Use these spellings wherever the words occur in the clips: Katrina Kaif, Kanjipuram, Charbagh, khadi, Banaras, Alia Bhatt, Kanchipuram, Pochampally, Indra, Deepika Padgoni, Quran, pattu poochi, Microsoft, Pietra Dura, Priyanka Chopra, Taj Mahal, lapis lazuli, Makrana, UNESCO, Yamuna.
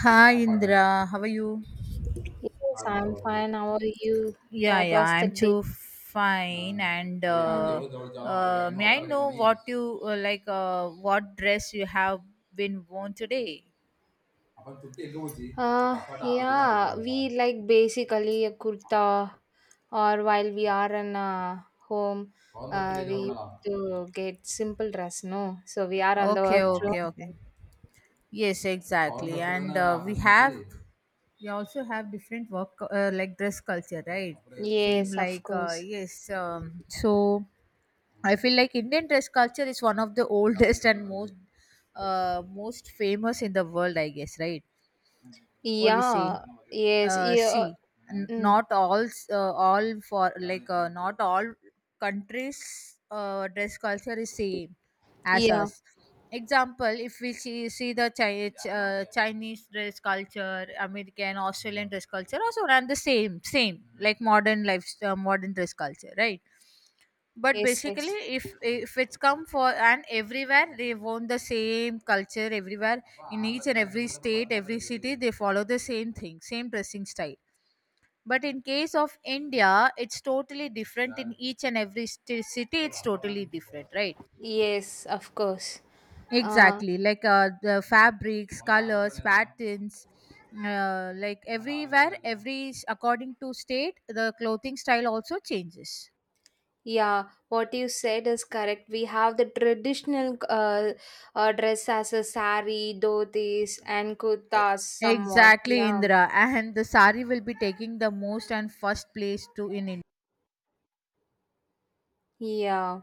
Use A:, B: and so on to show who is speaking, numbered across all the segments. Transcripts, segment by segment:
A: Hi Indra, how are you?
B: Yes, I'm fine. How are you?
A: Yeah,
B: What
A: yeah,
B: was the
A: I'm
B: day?
A: too fine. And
B: Hmm.
A: May I know what you like? What dress you have been worn today?
B: Yeah, we like basically a kurta, or while we are in home, we used to get simple dress, no? So we are on the
A: Okay,
B: work floor.
A: okay, okay. Yes, exactly. We also have different work like dress culture, right? Same
B: Yes, of
A: like
B: course.
A: yes. So I feel like Indian dress culture is one of the oldest and most famous in the world, I guess, right? what we say
B: Yeah, yes, yeah,
A: See, n-
B: mm,
A: not all s- all for like not all countries dress culture is same as
B: yeah,
A: us. Example, if we see, the Chi- Ch- chinese dress culture, American, Australian dress culture also run the same, like modern life, modern dress culture, right? But
B: yes,
A: basically,
B: yes,
A: if it's come for, and everywhere they want the same culture everywhere. In each and every state, every city, they follow the same thing, same dressing style. But in case of India, it's totally different. In each and every city it's totally different, right?
B: yes, of course. Uh,
A: Exactly, like the fabrics, colors, patterns. Like everywhere, every according to state the clothing style also changes.
B: Yeah, what you said is correct. We have the traditional dress as a sari, dhotis, and
A: E-
B: kurtas somewhat.
A: Exactly,
B: Yeah,
A: Indra. And the sari will be taking the most and first place to in India.
B: yeah.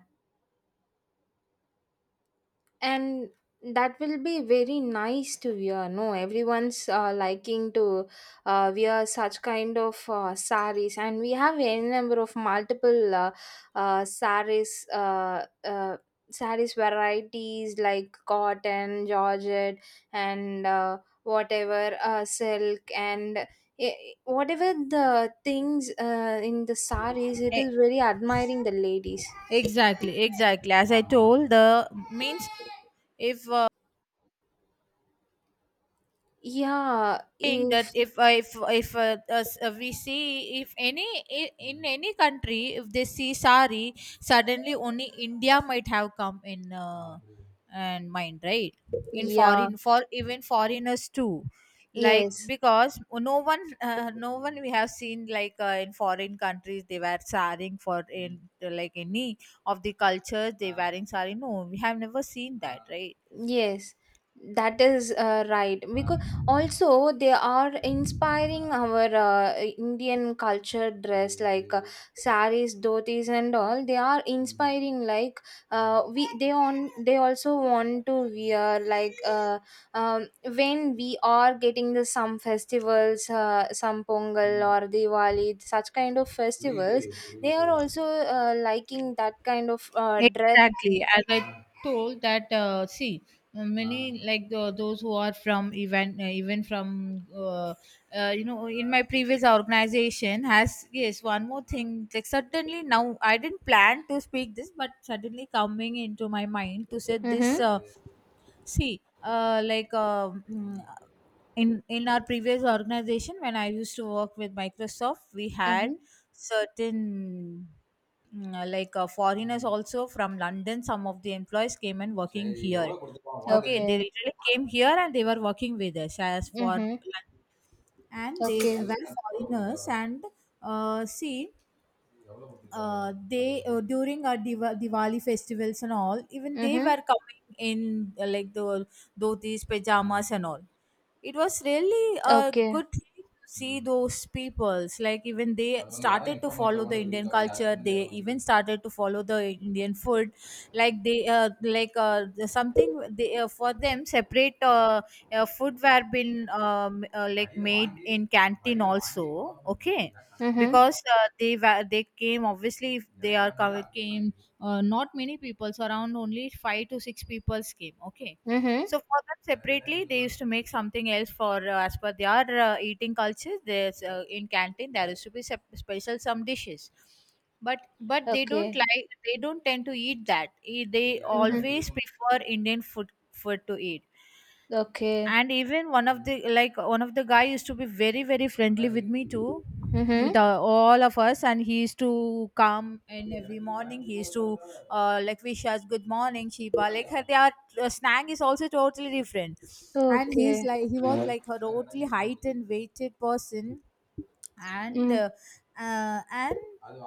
B: And that will be very nice to wear, no? Everyone's liking to wear such kind of saris, and we have a number of multiple saris saris varieties like cotton, georgette, and whatever, silk, and eh, whatever the things in the saris, it
A: E-
B: is very admiring the ladies.
A: exactly. As I told, the means, if
B: Yeah,
A: think that
B: if,
A: if us- we see. If any, in any country, if they see sari, suddenly only India might have come in, and mind, right? In
B: yeah.
A: foreign, for even foreigners too, like
B: Yes,
A: because no one, we have seen like, in foreign countries they were saring for in like any of the cultures, they wearing sari, no? We have never seen that, right?
B: yes, that is right. Because also they are inspiring our Indian culture dress, like saris, dhotis, and all. They are inspiring. Like we, they on they also want to wear, like when we are getting the some festivals, some Pongal or Diwali, such kind of festivals. They are also liking that kind of dress.
A: Exactly, as I told that. See, many like the, those who are from even from you know, in my previous organization has, yes, one more thing, like, suddenly now I didn't plan to speak this, but suddenly coming into my mind to say this.
B: Mm-hmm.
A: See, in our previous organization, when I used to work with Microsoft, we had certain, foreigners also from London. Some of the employees came and working here. Okay, they
B: Okay.
A: literally came here and they were working with us as for,
B: Mhm.
A: and they
B: Okay.
A: were foreigners. And see, they during our Diwali festivals and all, even they
B: Mhm.
A: were coming in like the dhotis, pajamas and all. It was really a
B: Okay.
A: good thing to see those peoples. Like even they started to follow the Indian culture. They even started to follow the Indian food, like the- something they, for them separate, foodware been, like made in canteen also, okay?
B: Mhm.
A: Because they they came obviously. If they are came, not many people, so around only 5 to 6 people came, okay?
B: Mhm.
A: So for them separately, they used to make something else for, as per their eating culture. There's in canteen there used to be special some dishes. But they don't
B: Okay.
A: like, they don't tend to eat that. They
B: Mhm.
A: always prefer Indian food to eat.
B: Okay.
A: And even one of the, like one of the guy used to be very friendly with me too, with
B: Mhm.
A: all of us. And he used to come in every morning. He used to like wish us good morning, Shiba. Like her, their snack is also totally different. And he's
B: Okay.
A: like, he was like a totally height and weighted person. and
B: Mm.
A: uh, uh, and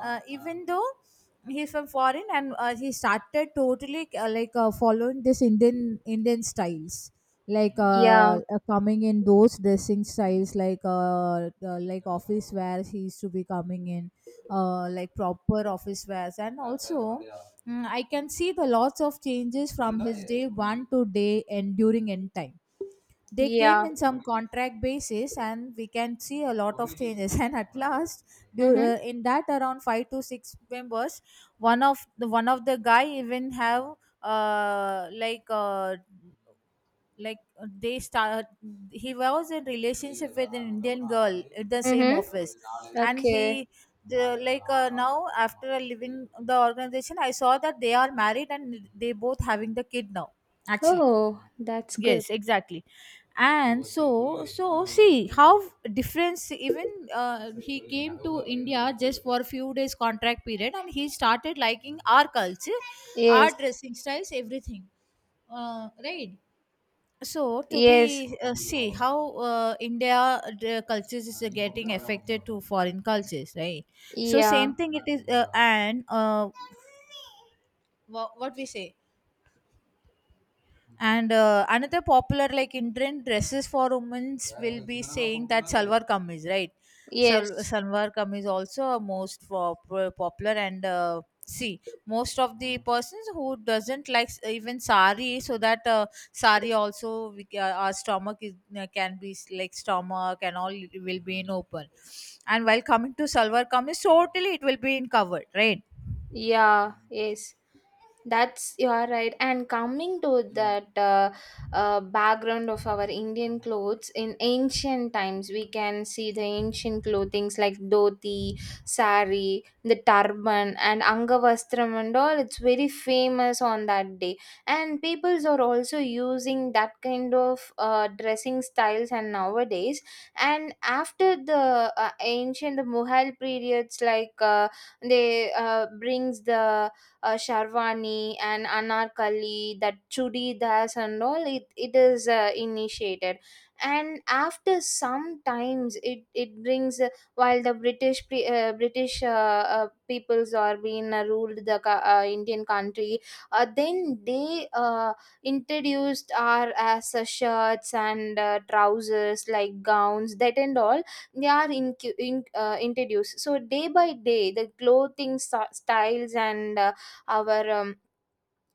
A: uh, even though he's from foreign, and he started totally following this Indian styles, like
B: Yeah.
A: coming in those dressing styles, like office wear he used to be coming in like proper office wears. And also, I can see the lots of changes from his day one to day, and during end time they came
B: Yeah.
A: in some contract basis and we can see a lot of changes. And at last,
B: Mhm.
A: in that around 5 to 6 members, one of the guy even have, uh like uh like they start he was in relationship with an Indian girl at the same
B: Mhm.
A: office. And
B: Okay.
A: he the, like, now after leaving the organization, I saw that they are married and they both having the kid now, actually.
B: Oh, that's good.
A: Yes, exactly. And so see how difference, even he came to India just for a few days contract period and he started liking our culture, our
B: Yes.
A: dressing styles, everything, right? So to
B: Yes.
A: be, see how India, the cultures is getting affected to foreign cultures, right? So
B: Yeah.
A: same thing it is, and what we say. And another popular like Indian dresses for women will be saying that salwar kameez, right?
B: Yes.
A: Salwar kameez also a most popular. And see, most of the persons who doesn't like even sari, so that sari also we, our stomach is, can be like stomach and all will be in open. And while coming to salwar kameez, totally it will be in covered, right?
B: Yeah, yes. That's, you are right. And coming to that background of our Indian clothes in ancient times, we can see the ancient clothings like dhoti, sari, the turban, and angavastram and all. It's very famous on that day, and peoples are also using that kind of dressing styles. And nowadays, and after the ancient Mughal periods, like. They brings the sharwani and anarkali, that chudidas and all, it is initiated. And after some times, it brings, while the british peoples are being ruled the Indian country, then they introduced our as shirts and trousers, like gowns, that and all, they are in introduced. So day by day the clothing styles, and our um,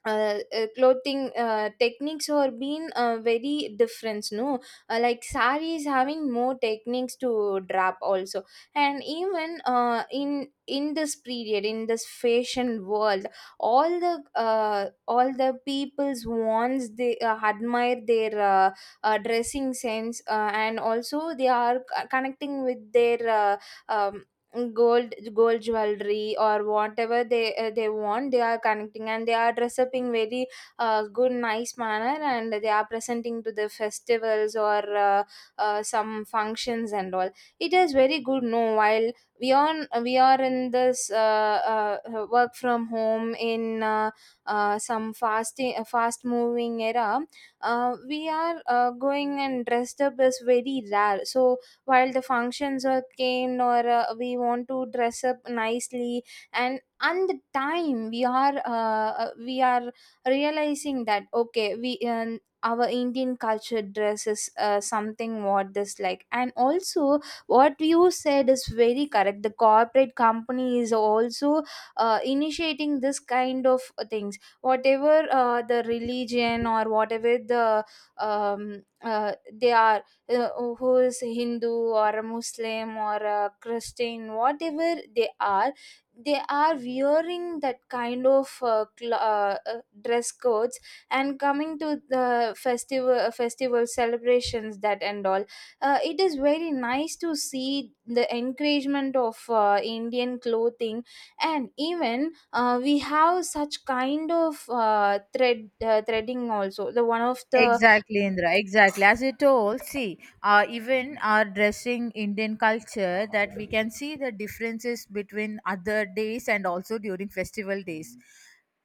B: uh, uh, clothing techniques are been very different, no? Like sari is having more techniques to drap also. And even in this period, in this fashion world, all the people's wants, they admire their dressing sense, and also they are connecting with their um, gold gold jewelry or whatever they want, they are connecting, and they are dress up in very good nice manner, and they are presenting to the festivals or uh, some functions and all. It is very good, no? While we are we are in this work from home in some fasting fast moving era, we are going and dressed up is very rare. So while the functions are came, or we want to dress up nicely, and the time we are realizing that, okay, we our Indian culture dress is something what this like. And also what you said is very correct. The corporate company is also initiating this kind of things, whatever the religion or whatever the they are uh, who is Hindu or a Muslim or a Christian, whatever they are wearing that kind of dress codes. And coming to the festival celebrations, that and all. It is very nice to see the encouragement of Indian clothing. And even we have such kind of threading also, the one of the.
A: Exactly, Indra. Exactly. As you told, see, even our dressing Indian culture, that we can see the differences between other days and also during festival days,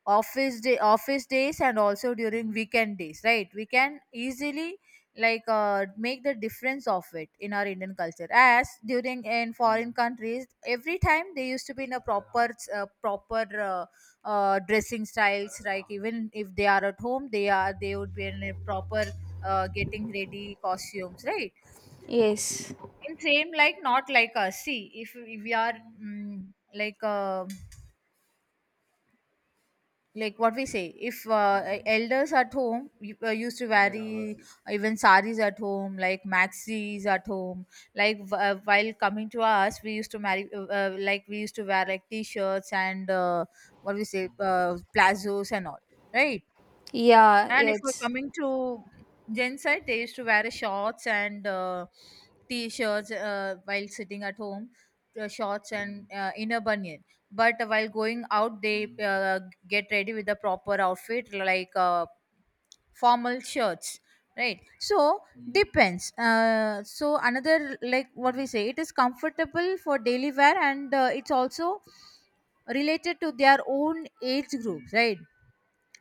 A: office days, and also during weekend days. Right? We can easily like make the difference of it in our Indian culture. As during in foreign countries, every time they used to be in a proper, uh, proper Uh, dressing styles, like even if they are at home, they are, they would be in a proper getting ready costumes, right?
B: Yes.
A: In same, like not like us. See, if we are, mm, like uh, what we say, if elders at home used to vary even saris at home, like maxis at home. Like, while coming to us, we used to marry, like we used to wear like t-shirts and, what we say, plazos and all, right?
B: Yeah,
A: And if we're
B: it's.
A: coming to Gen side, they used to wear shorts and t-shirts while sitting at home, shorts and inner bunion. But while going out, they get ready with the proper outfit, like formal shirts, right? So depends. So another like what we say, it is comfortable for daily wear, and it's also related to their own age groups, right?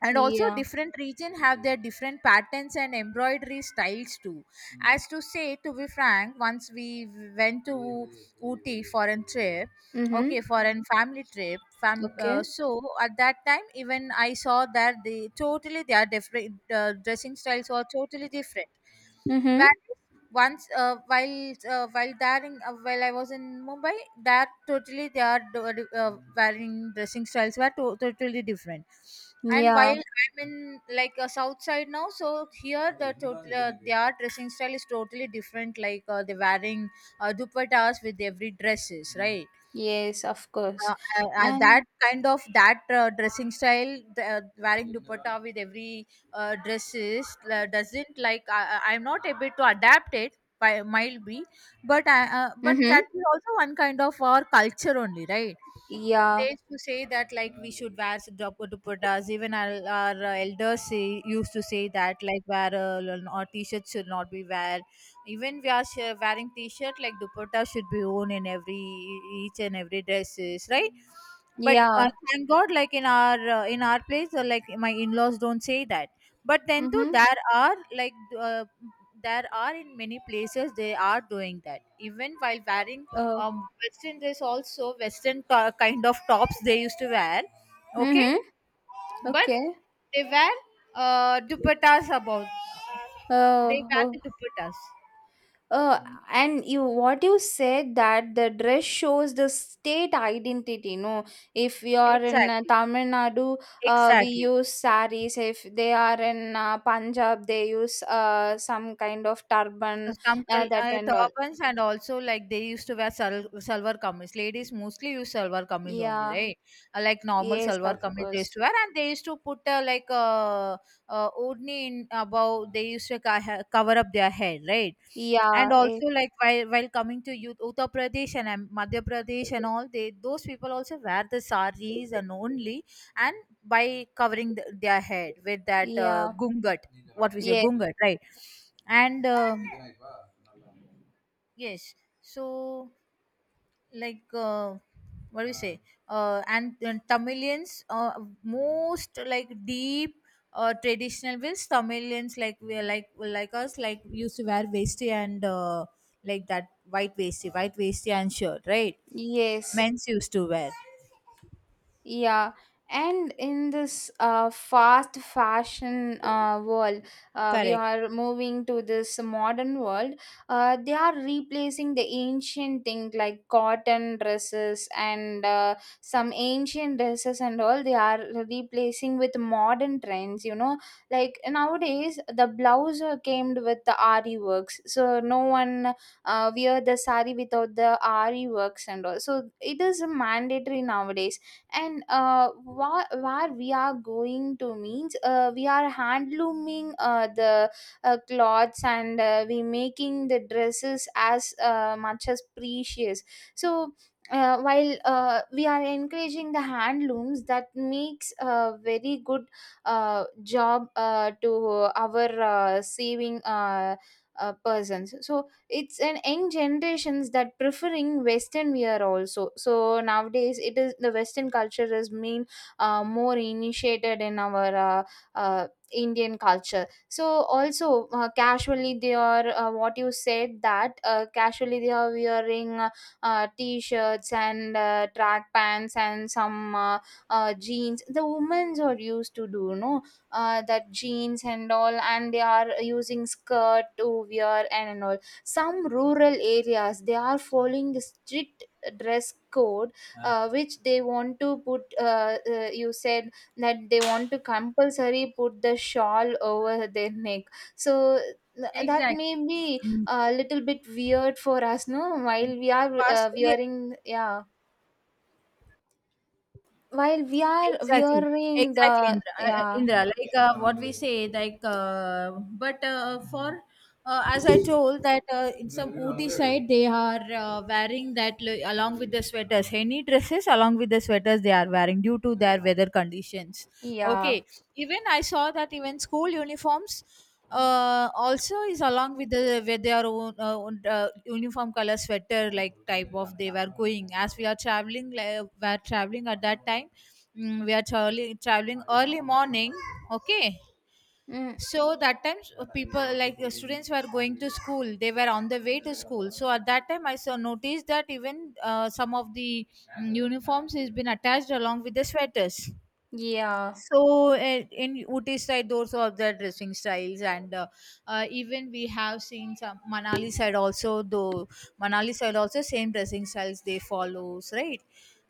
A: And also
B: Yeah.
A: different region have their different patterns and embroidery styles too. As to say, to be frank, once we went to Ooty for a trip,
B: Mm-hmm.
A: okay? For a family trip,
B: Okay.
A: so at that time even I saw that they totally their different dressing styles were totally different.
B: Mm-hmm.
A: Whereas once while there in, while I was in Mumbai, that totally their wearing dressing styles were totally different. And while
B: Yeah.
A: I'm in like a south side now, so here the total their dressing style is totally different. Like they're wearing dupattas with every dresses, right?
B: Yes, of course.
A: That
B: And
A: kind of, that dressing style, the, wearing dupatta with every dress is doesn't like. I'm not able to adapt it, by might be. But I, but
B: mm-hmm.
A: that is also one kind of our culture only, right?
B: Yeah.
A: They used to say that like we should wear duppa dupattas. Even our elders used to say that like wear, or t-shirt should not be wear. Even we are wearing t-shirt, like dupatta should be worn in every, each and every dresses, right? But
B: Yeah.
A: thank God, like in our place, like my in-laws don't say that. But then too,
B: Mm-hmm.
A: there are like, uh, there are in many places they are doing that. Even while wearing
B: Uh,
A: western dress also, western kind of tops they used to wear, okay?
B: mm-hmm.
A: But
B: Okay.
A: they wear dupattas about. They
B: Uh,
A: wear
B: uh,
A: the dupattas.
B: uh, and you what you said, that the dress shows the state identity. No, if you are in
A: Exactly,
B: Tamil Nadu, we
A: exactly.
B: use saris. If they are in Punjab, they use some kind of
A: So
B: turban,
A: some
B: that and all.
A: turbans and also like they used to wear salwar kameez. Ladies mostly use salwar kameez only,
B: Yeah.
A: right? Like normal
B: Yes,
A: salwar
B: of
A: kameez they
B: course.
A: used to wear, and they used to put, odni in above. They used to cover up their head, right? And
B: Yeah, eh,
A: also like while coming to youth, Uttar Pradesh and Madhya Pradesh and all, they, those people also wear the saris and only, and by covering the, their head with that
B: yeah,
A: gungat, what we say,
B: yeah,
A: gungat, right? And Yes. So, like, what do we say? And Tamilians, most like deep traditional ways. Tamilians, like we are like us, like used to wear vesti and like that white vesti and shirt, right?
B: yes.
A: Men's used to wear.
B: Yeah, and in this fast fashion world, we
A: Correct.
B: are moving to this modern world. They are replacing the ancient thing like cotton dresses and some ancient dresses and all. They are replacing with modern trends. You know, like nowadays the blouse are came with the RE works, so no one wear the sari without the RE works and all. So it is mandatory nowadays, and where we are going to means we are hand looming the cloths, and we making the dresses as much as precious. So while we are encouraging the hand looms, that makes a very good job to our saving persons. So it's an young generations that preferring western wear also. So nowadays it is the western culture is mean more initiated in our uh, Indian culture. So also casually they are what you said, that casually they are wearing t-shirts and track pants and some jeans, the women's are used to do, no? That jeans and all, and they are using skirt to wear and all. Some rural areas they are following the strict dress code, which they want to put, you said that they want to compulsory put the shawl over their neck. So that may
A: Exactly.
B: be
A: Mm.
B: a little bit weird for us, no? While we are
A: Vas-
B: wearing, yeah. While we are
A: Exactly,
B: wearing
A: exactly,
B: the,
A: Indra.
B: yeah.
A: Indra, like what we say, but for as I told that in some Ooty side they are wearing along with the sweaters, any dresses along with the sweaters they are wearing due to their weather conditions.
B: Yeah.
A: Okay, even I saw that even school uniforms also is along with the with their own uniform color sweater like type of they were going as we are traveling, like, we are traveling at that time. Mm, we are traveling early morning. Okay,
B: Mm,
A: so that time people, like, students were going to school, they were on the way to school. So at that time I saw, noticed that even some of the, mm, uniforms has been attached along with the sweaters.
B: yeah.
A: So in Uti side, those are the dressing styles, and even we have seen some Manali side also. Though Manali side also same dressing styles they follows, right?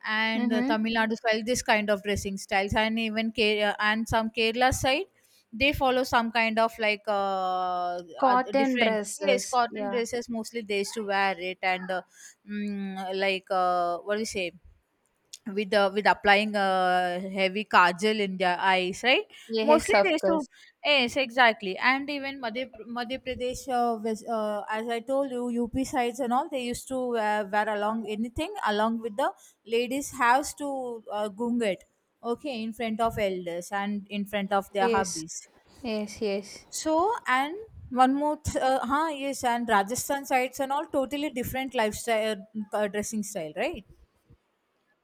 A: And
B: Mm-hmm.
A: Tamil Nadu side this kind of dressing styles, and even Kerala and some Kerala side they follow some kind of like
B: Cotton
A: different, yes,
B: dresses,
A: cotton
B: yeah.
A: dresses mostly they used to wear it. And what do you say, with applying a heavy kajal in their eyes, right?
B: Yes,
A: Mostly
B: of
A: they used to.
B: course.
A: Yes, exactly. And even Madhya Pradesh as I told you, UP sides and all, they used to wear along, anything along with the ladies has to gung it okay, in front of elders and in front of their
B: Yes.
A: hubbies.
B: Yes, yes.
A: So and one more yes, and Rajasthan sides and all totally different lifestyle, dressing style, right?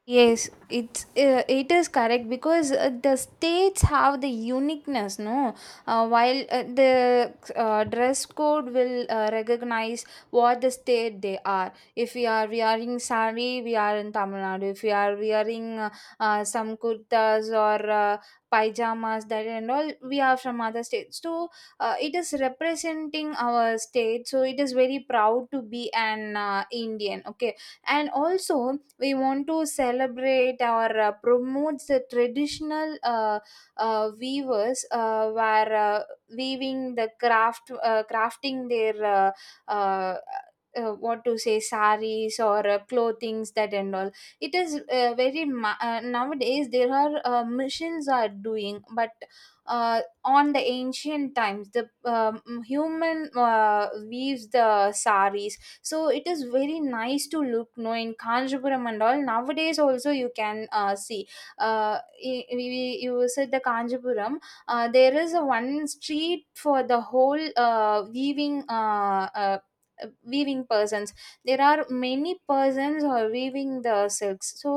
B: Yes, it is correct, because the states have the uniqueness, no? While the dress code will recognize what the state they are. If we are wearing sari, we are in Tamil Nadu. If we are wearing some kurtas or pyjamas, that and all, we are from other states. So it is representing our state. So it is very proud to be an Indian. Okay, and also we want to celebrate or promote the traditional weavers were weaving the crafting their uh, uh, what to say, saris or clothings, that and all. It is nowadays there are machines are doing, but on the ancient times the human weaves the saris. So it is very nice to look, no? In Kanjipuram and all nowadays also you can see. uh, you said the Kanjipuram, there is a one street for the whole weaving weaving persons. There are many persons who are weaving the silks. So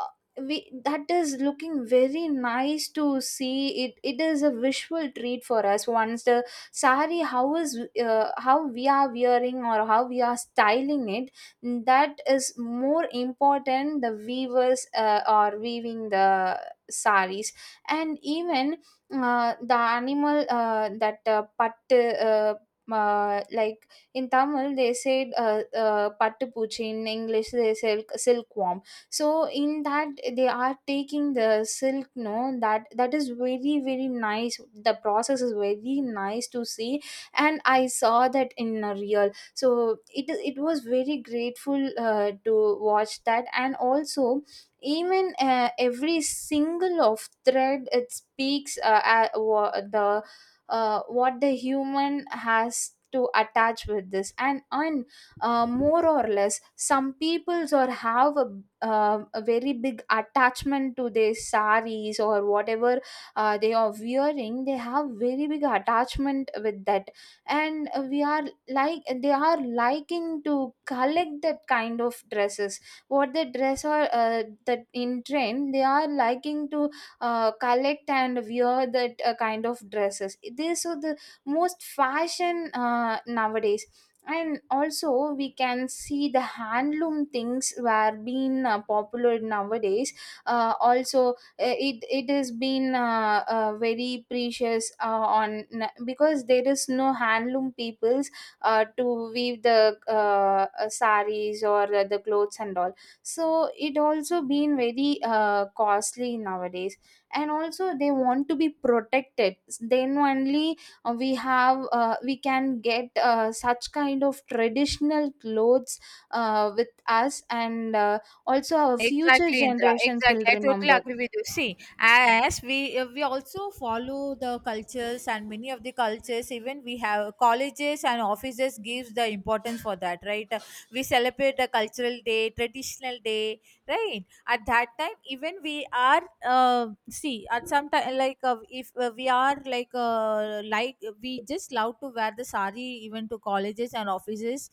B: uh, we that is looking very nice to see it. It is a visual treat for us once the saree, how is how we are wearing or how we are styling it, that is more important. The weavers are weaving the saris. And even the animal that pattu, uh, like in Tamil, they said pattu poochi. In English, they said silkworm. So in that, they are taking the silk, no? That is very very nice. The process is very nice to see, and I saw that in a real, so it is, it was very grateful to watch that. And also, even every single of thread, it speaks the what the human has to attach with this. And I more or less, some peoples or have a very big attachment to their saris or whatever they are wearing. They have very big attachment with that. And we are, like they are liking to collect that kind of dresses, what the dress are that in trend. They are liking to collect and wear that kind of dresses. This, so the most fashion nowadays. And also we can see the handloom things were being popular nowadays. Also it has been very precious on, because there is no handloom peoples to weave the saris or the clothes and all. So it also been very costly nowadays. And also they want to be protected, then only we have we can get such kind of traditional clothes with us. And also our future
A: Exactly, Indra.
B: generations will
A: Exactly. I totally
B: remember.
A: agree with you. See, as we also follow the cultures, and many of the cultures, even we have colleges and offices gives the importance for that, right? We celebrate the cultural day, traditional day, right? At that time even we are, see at some time, like, if we are like we just love to wear the sari even to colleges and offices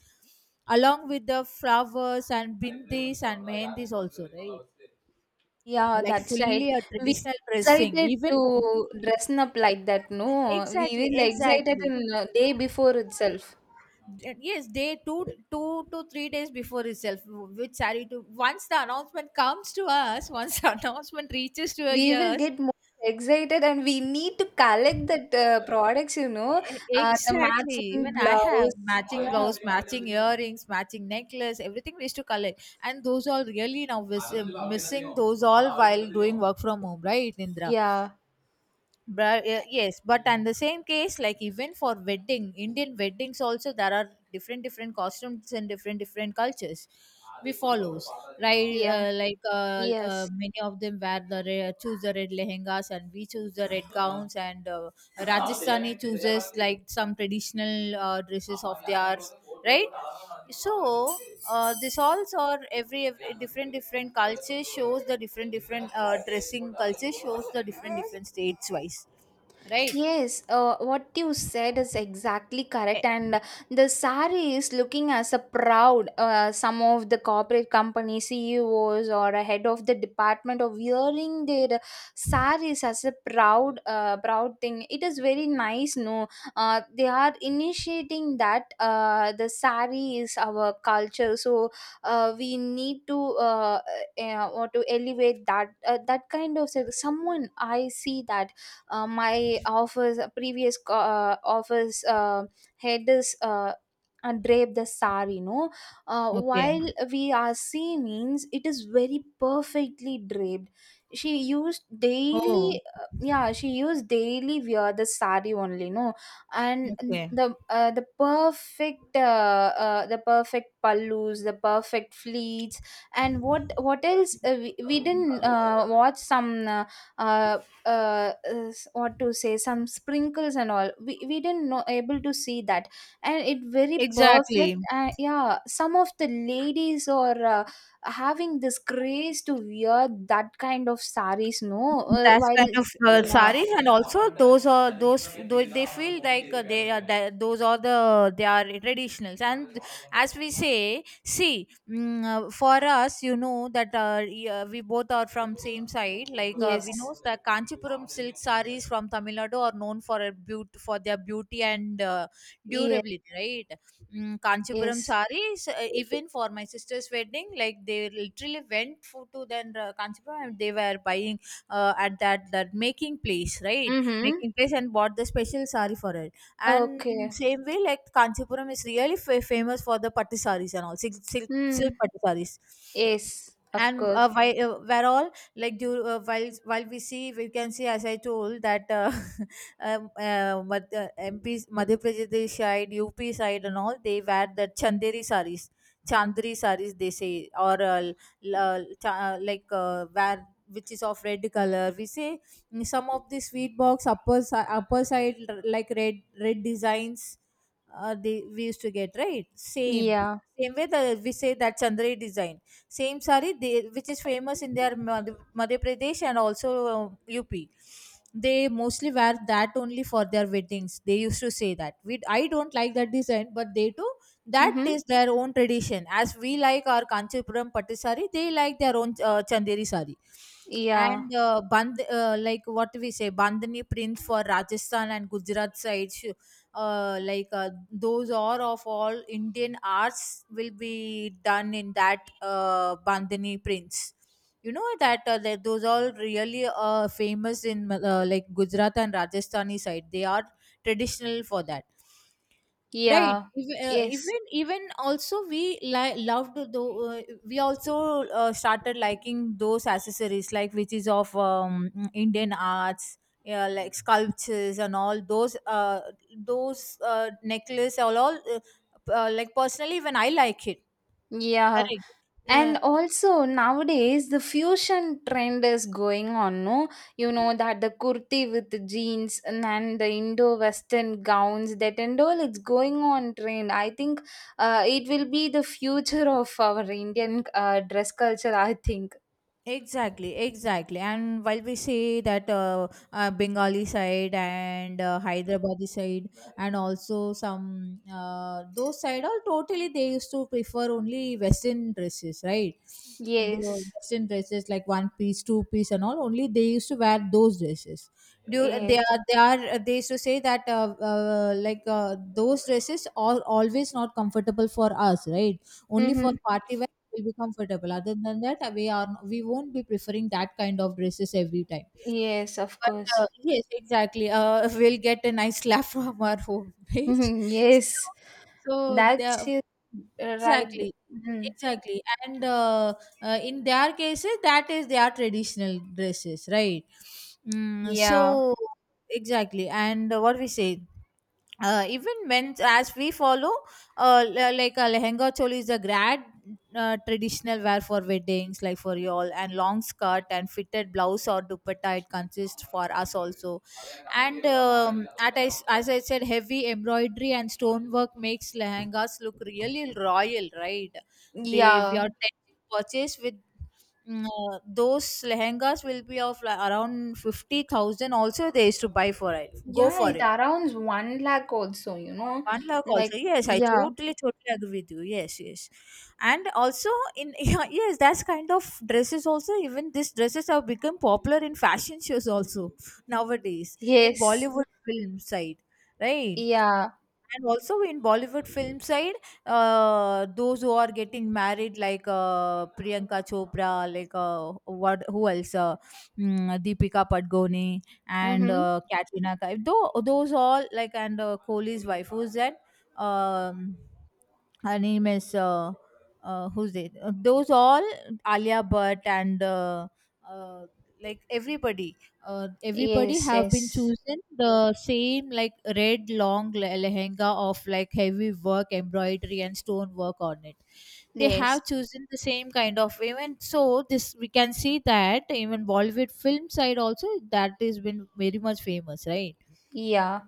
A: along with the flowers and bindis and mehendis also, right?
B: Yeah,
A: Like
B: that's right.
A: fully a
B: We
A: traditional dressing
B: excited
A: even more.
B: to dress up like that, no? We
A: Exactly,
B: will excited
A: exactly.
B: in day before itself.
A: Yes, day two, 2 to 3 days before itself, which saree to, once the announcement comes to us, once the announcement reaches to our
B: We will
A: ears.
B: get more excited, and we need to collect that products, you know. The
A: Exactly,
B: matching
A: even I have
B: blouse,
A: matching
B: yeah.
A: blouse, matching earrings, matching necklace, everything we used to collect. And those all really now missing those all while doing work from home, right, Indra?
B: Yeah.
A: Yes, but and the same case, like even for wedding, Indian weddings also, there are different different costumes and different different cultures we follows, right?
B: Yeah. Yes.
A: Many of them wear choose the red lehengas, and we choose the red gowns, and Rajasthani chooses like some traditional dresses of theirs, right? So this also are every different different culture shows the different different dressing culture shows the different different states wise, right?
B: Yes, what you said is exactly
A: Eh,
B: correct, and the sari is looking as a proud. Some of the corporate company CEOs or a head of the department of wearing their saris as a proud, proud thing. It is very nice, no? They are initiating that. The sari is our culture, so we need to or to elevate that. That kind of someone I see, that my office office head is drape the sari, you know.
A: okay.
B: While we are seeing means, it is very perfectly draped. She used
A: Oh,
B: daily yeah, she used daily wear the sari only, no? And
A: okay.
B: the perfect pallus, the perfect fleets. And what else, we didn't watch some uh, what to say, some sprinkles and all, we didn't know able to see that. And it very perfect.
A: Exactly.
B: And yeah, some of the ladies are having this craze to wear that kind of saris, no?
A: That's
B: While
A: kind of
B: it's, yeah.
A: saris, and also those are those they feel like they are that those are the they are traditionals. And as we say, see, mm, for us, you know that we both are from same side, like we know
B: Yes.
A: that Kanchipuram silk saris from Tamil Nadu are known for a for their beauty and
B: Yes.
A: durability, right? Mm, Kanchipuram
B: Yes.
A: saris, even for my sister's wedding, like, they literally went for, to then Kanchipuram, and they were buying at that that making place, right,
B: Mm-hmm.
A: making place, and bought the special sari for it. And
B: Okay.
A: same way, like Kanchipuram is really famous for the patti saris and all silk, silk
B: Hmm.
A: patti saris.
B: Yes, of
A: And
B: course.
A: while where all, like do while we see, we can see, as I told that MP, Madhya Pradesh side, UP side, and all, they wear the chanderi saris, chandri saris they say, or wear, which is of red color, we say, mm, some of the sweet box upper side, like red red designs, they we used to get, right? Same
B: Yeah.
A: same way that we say that chandri design, same sari they, which is famous in their Madhya Pradesh and also UP. They mostly wear that only for their weddings. They used to say that we, I don't like that design, but they do. That
B: Mm-hmm.
A: is their own tradition. As we like our Kanchipuram pattu sari, they like their own chanderi sari.
B: Yeah.
A: And band like what we say, bandhani prints for Rajasthan and Gujarat sides. Those are of all Indian arts will be done in that bandhani prints. You know that that those are really famous in, like Gujarat and Rajasthani side. They are traditional for that. Right.
B: Yeah. Yes.
A: Even even also we loved, though we also started liking those accessories, like which is of, Indian arts, yeah, like sculptures and all those necklace all like personally when I like it.
B: Yeah.
A: Correct. Yeah.
B: And also nowadays the fusion trend is going on, no? You know that the kurti with the jeans, and then the Indo-Western gowns, that and all, it's going on trend. I think it will be the future of our Indian dress culture, I think.
A: Exactly, exactly. And while we say that Bengali side and Hyderabadi side, and also some those side, all totally they used to prefer only Western dresses, right? The
B: Yes,
A: Western dresses like one piece, two piece, and all. Only they used to wear those dresses. Do they
B: yes.
A: are they are they used to say that those dresses are always not comfortable for us, right? Only for
B: Mm-hmm.
A: party will be comfortable. Other than that, we are we won't be preferring that kind of dresses every time.
B: Yes, of
A: But
B: course.
A: yes, exactly. We'll get a nice laugh from our homemate.
B: Mhm, yes,
A: So, so
B: that's
A: the
B: it. Right.
A: exactly,
B: Mhm.
A: exactly, and in their cases, that is their traditional dresses, right? Mm,
B: Yeah,
A: so exactly, and what we say, even men as we follow like a lehenga choli is a grad traditional wear for weddings, like for y'all, and long skirt and fitted blouse or dupatta it consists for us also. And as I said, heavy embroidery and stonework makes lehengas look really royal, right? They we are
B: yeah.
A: tend to purchase with, those lehengas will be of like around 50,000 also, they used to buy for it, go
B: Yeah,
A: for
B: it
A: it.
B: around 1 lakh also, you know.
A: One lakh also.
B: Like,
A: Yes, I
B: yeah,
A: totally, totally agree with you. Yes, yes. And also in yeah, yes, that's kind of dresses also. Even these dresses have become popular in fashion shows also nowadays in
B: yes,
A: Bollywood film side, right?
B: yeah,
A: And also in Bollywood film side, those who are getting married like Priyanka Chopra, like what, who else, Deepika Padgoni, and
B: mm-hmm,
A: Katrina Kaif though, those all like, and Kohli's wife, who's that, um, her name is who's it? Those all, Alia Bhatt, and uh, like everybody, everybody
B: yes,
A: have been
B: yes,
A: chosen the same, like red long lehenga of like heavy work embroidery and stone work on it. They
B: yes.
A: have chosen the same kind of even, so this we can see that even Bollywood film side also that has been very much famous, right?
B: Yeah,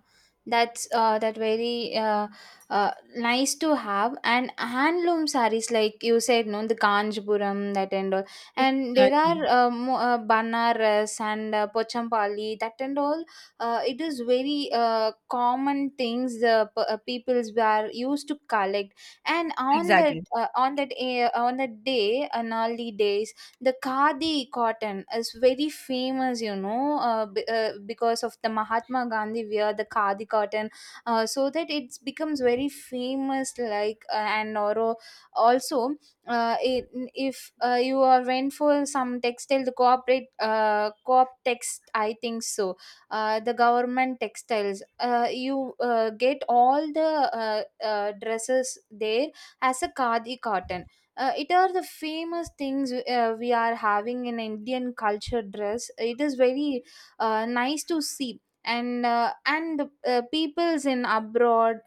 B: that's that very nice to have. And handloom sarees, like you said, no, the Kanjipuram, that and all. And there are
A: Exactly.
B: Banaras and Pochampally, that and all. It is very common things, the peoples were used to collect. And
A: Exactly.
B: on that day, an early day, the khadi cotton is very famous, you know, because of the Mahatma Gandhi wear the khadi cotton. So that it becomes very famous, like and or also it, if you are went for some textile, the corporate co-op text, I think so. The government textiles you get all the dresses there as a khadi cotton. It are the famous things we are having in Indian culture dress. It is very nice to see. And peoples in abroad,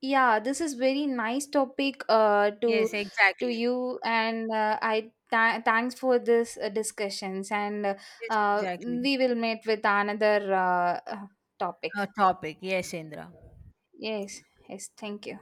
B: yeah. This is very nice topic to
A: Yes,
B: to
A: exactly.
B: you, and thanks for this discussions, and
A: Yes,
B: uh,
A: exactly.
B: we will meet with another uh, uh, topic.
A: A topic. Yes, Indra.
B: Yes. Yes, thank you.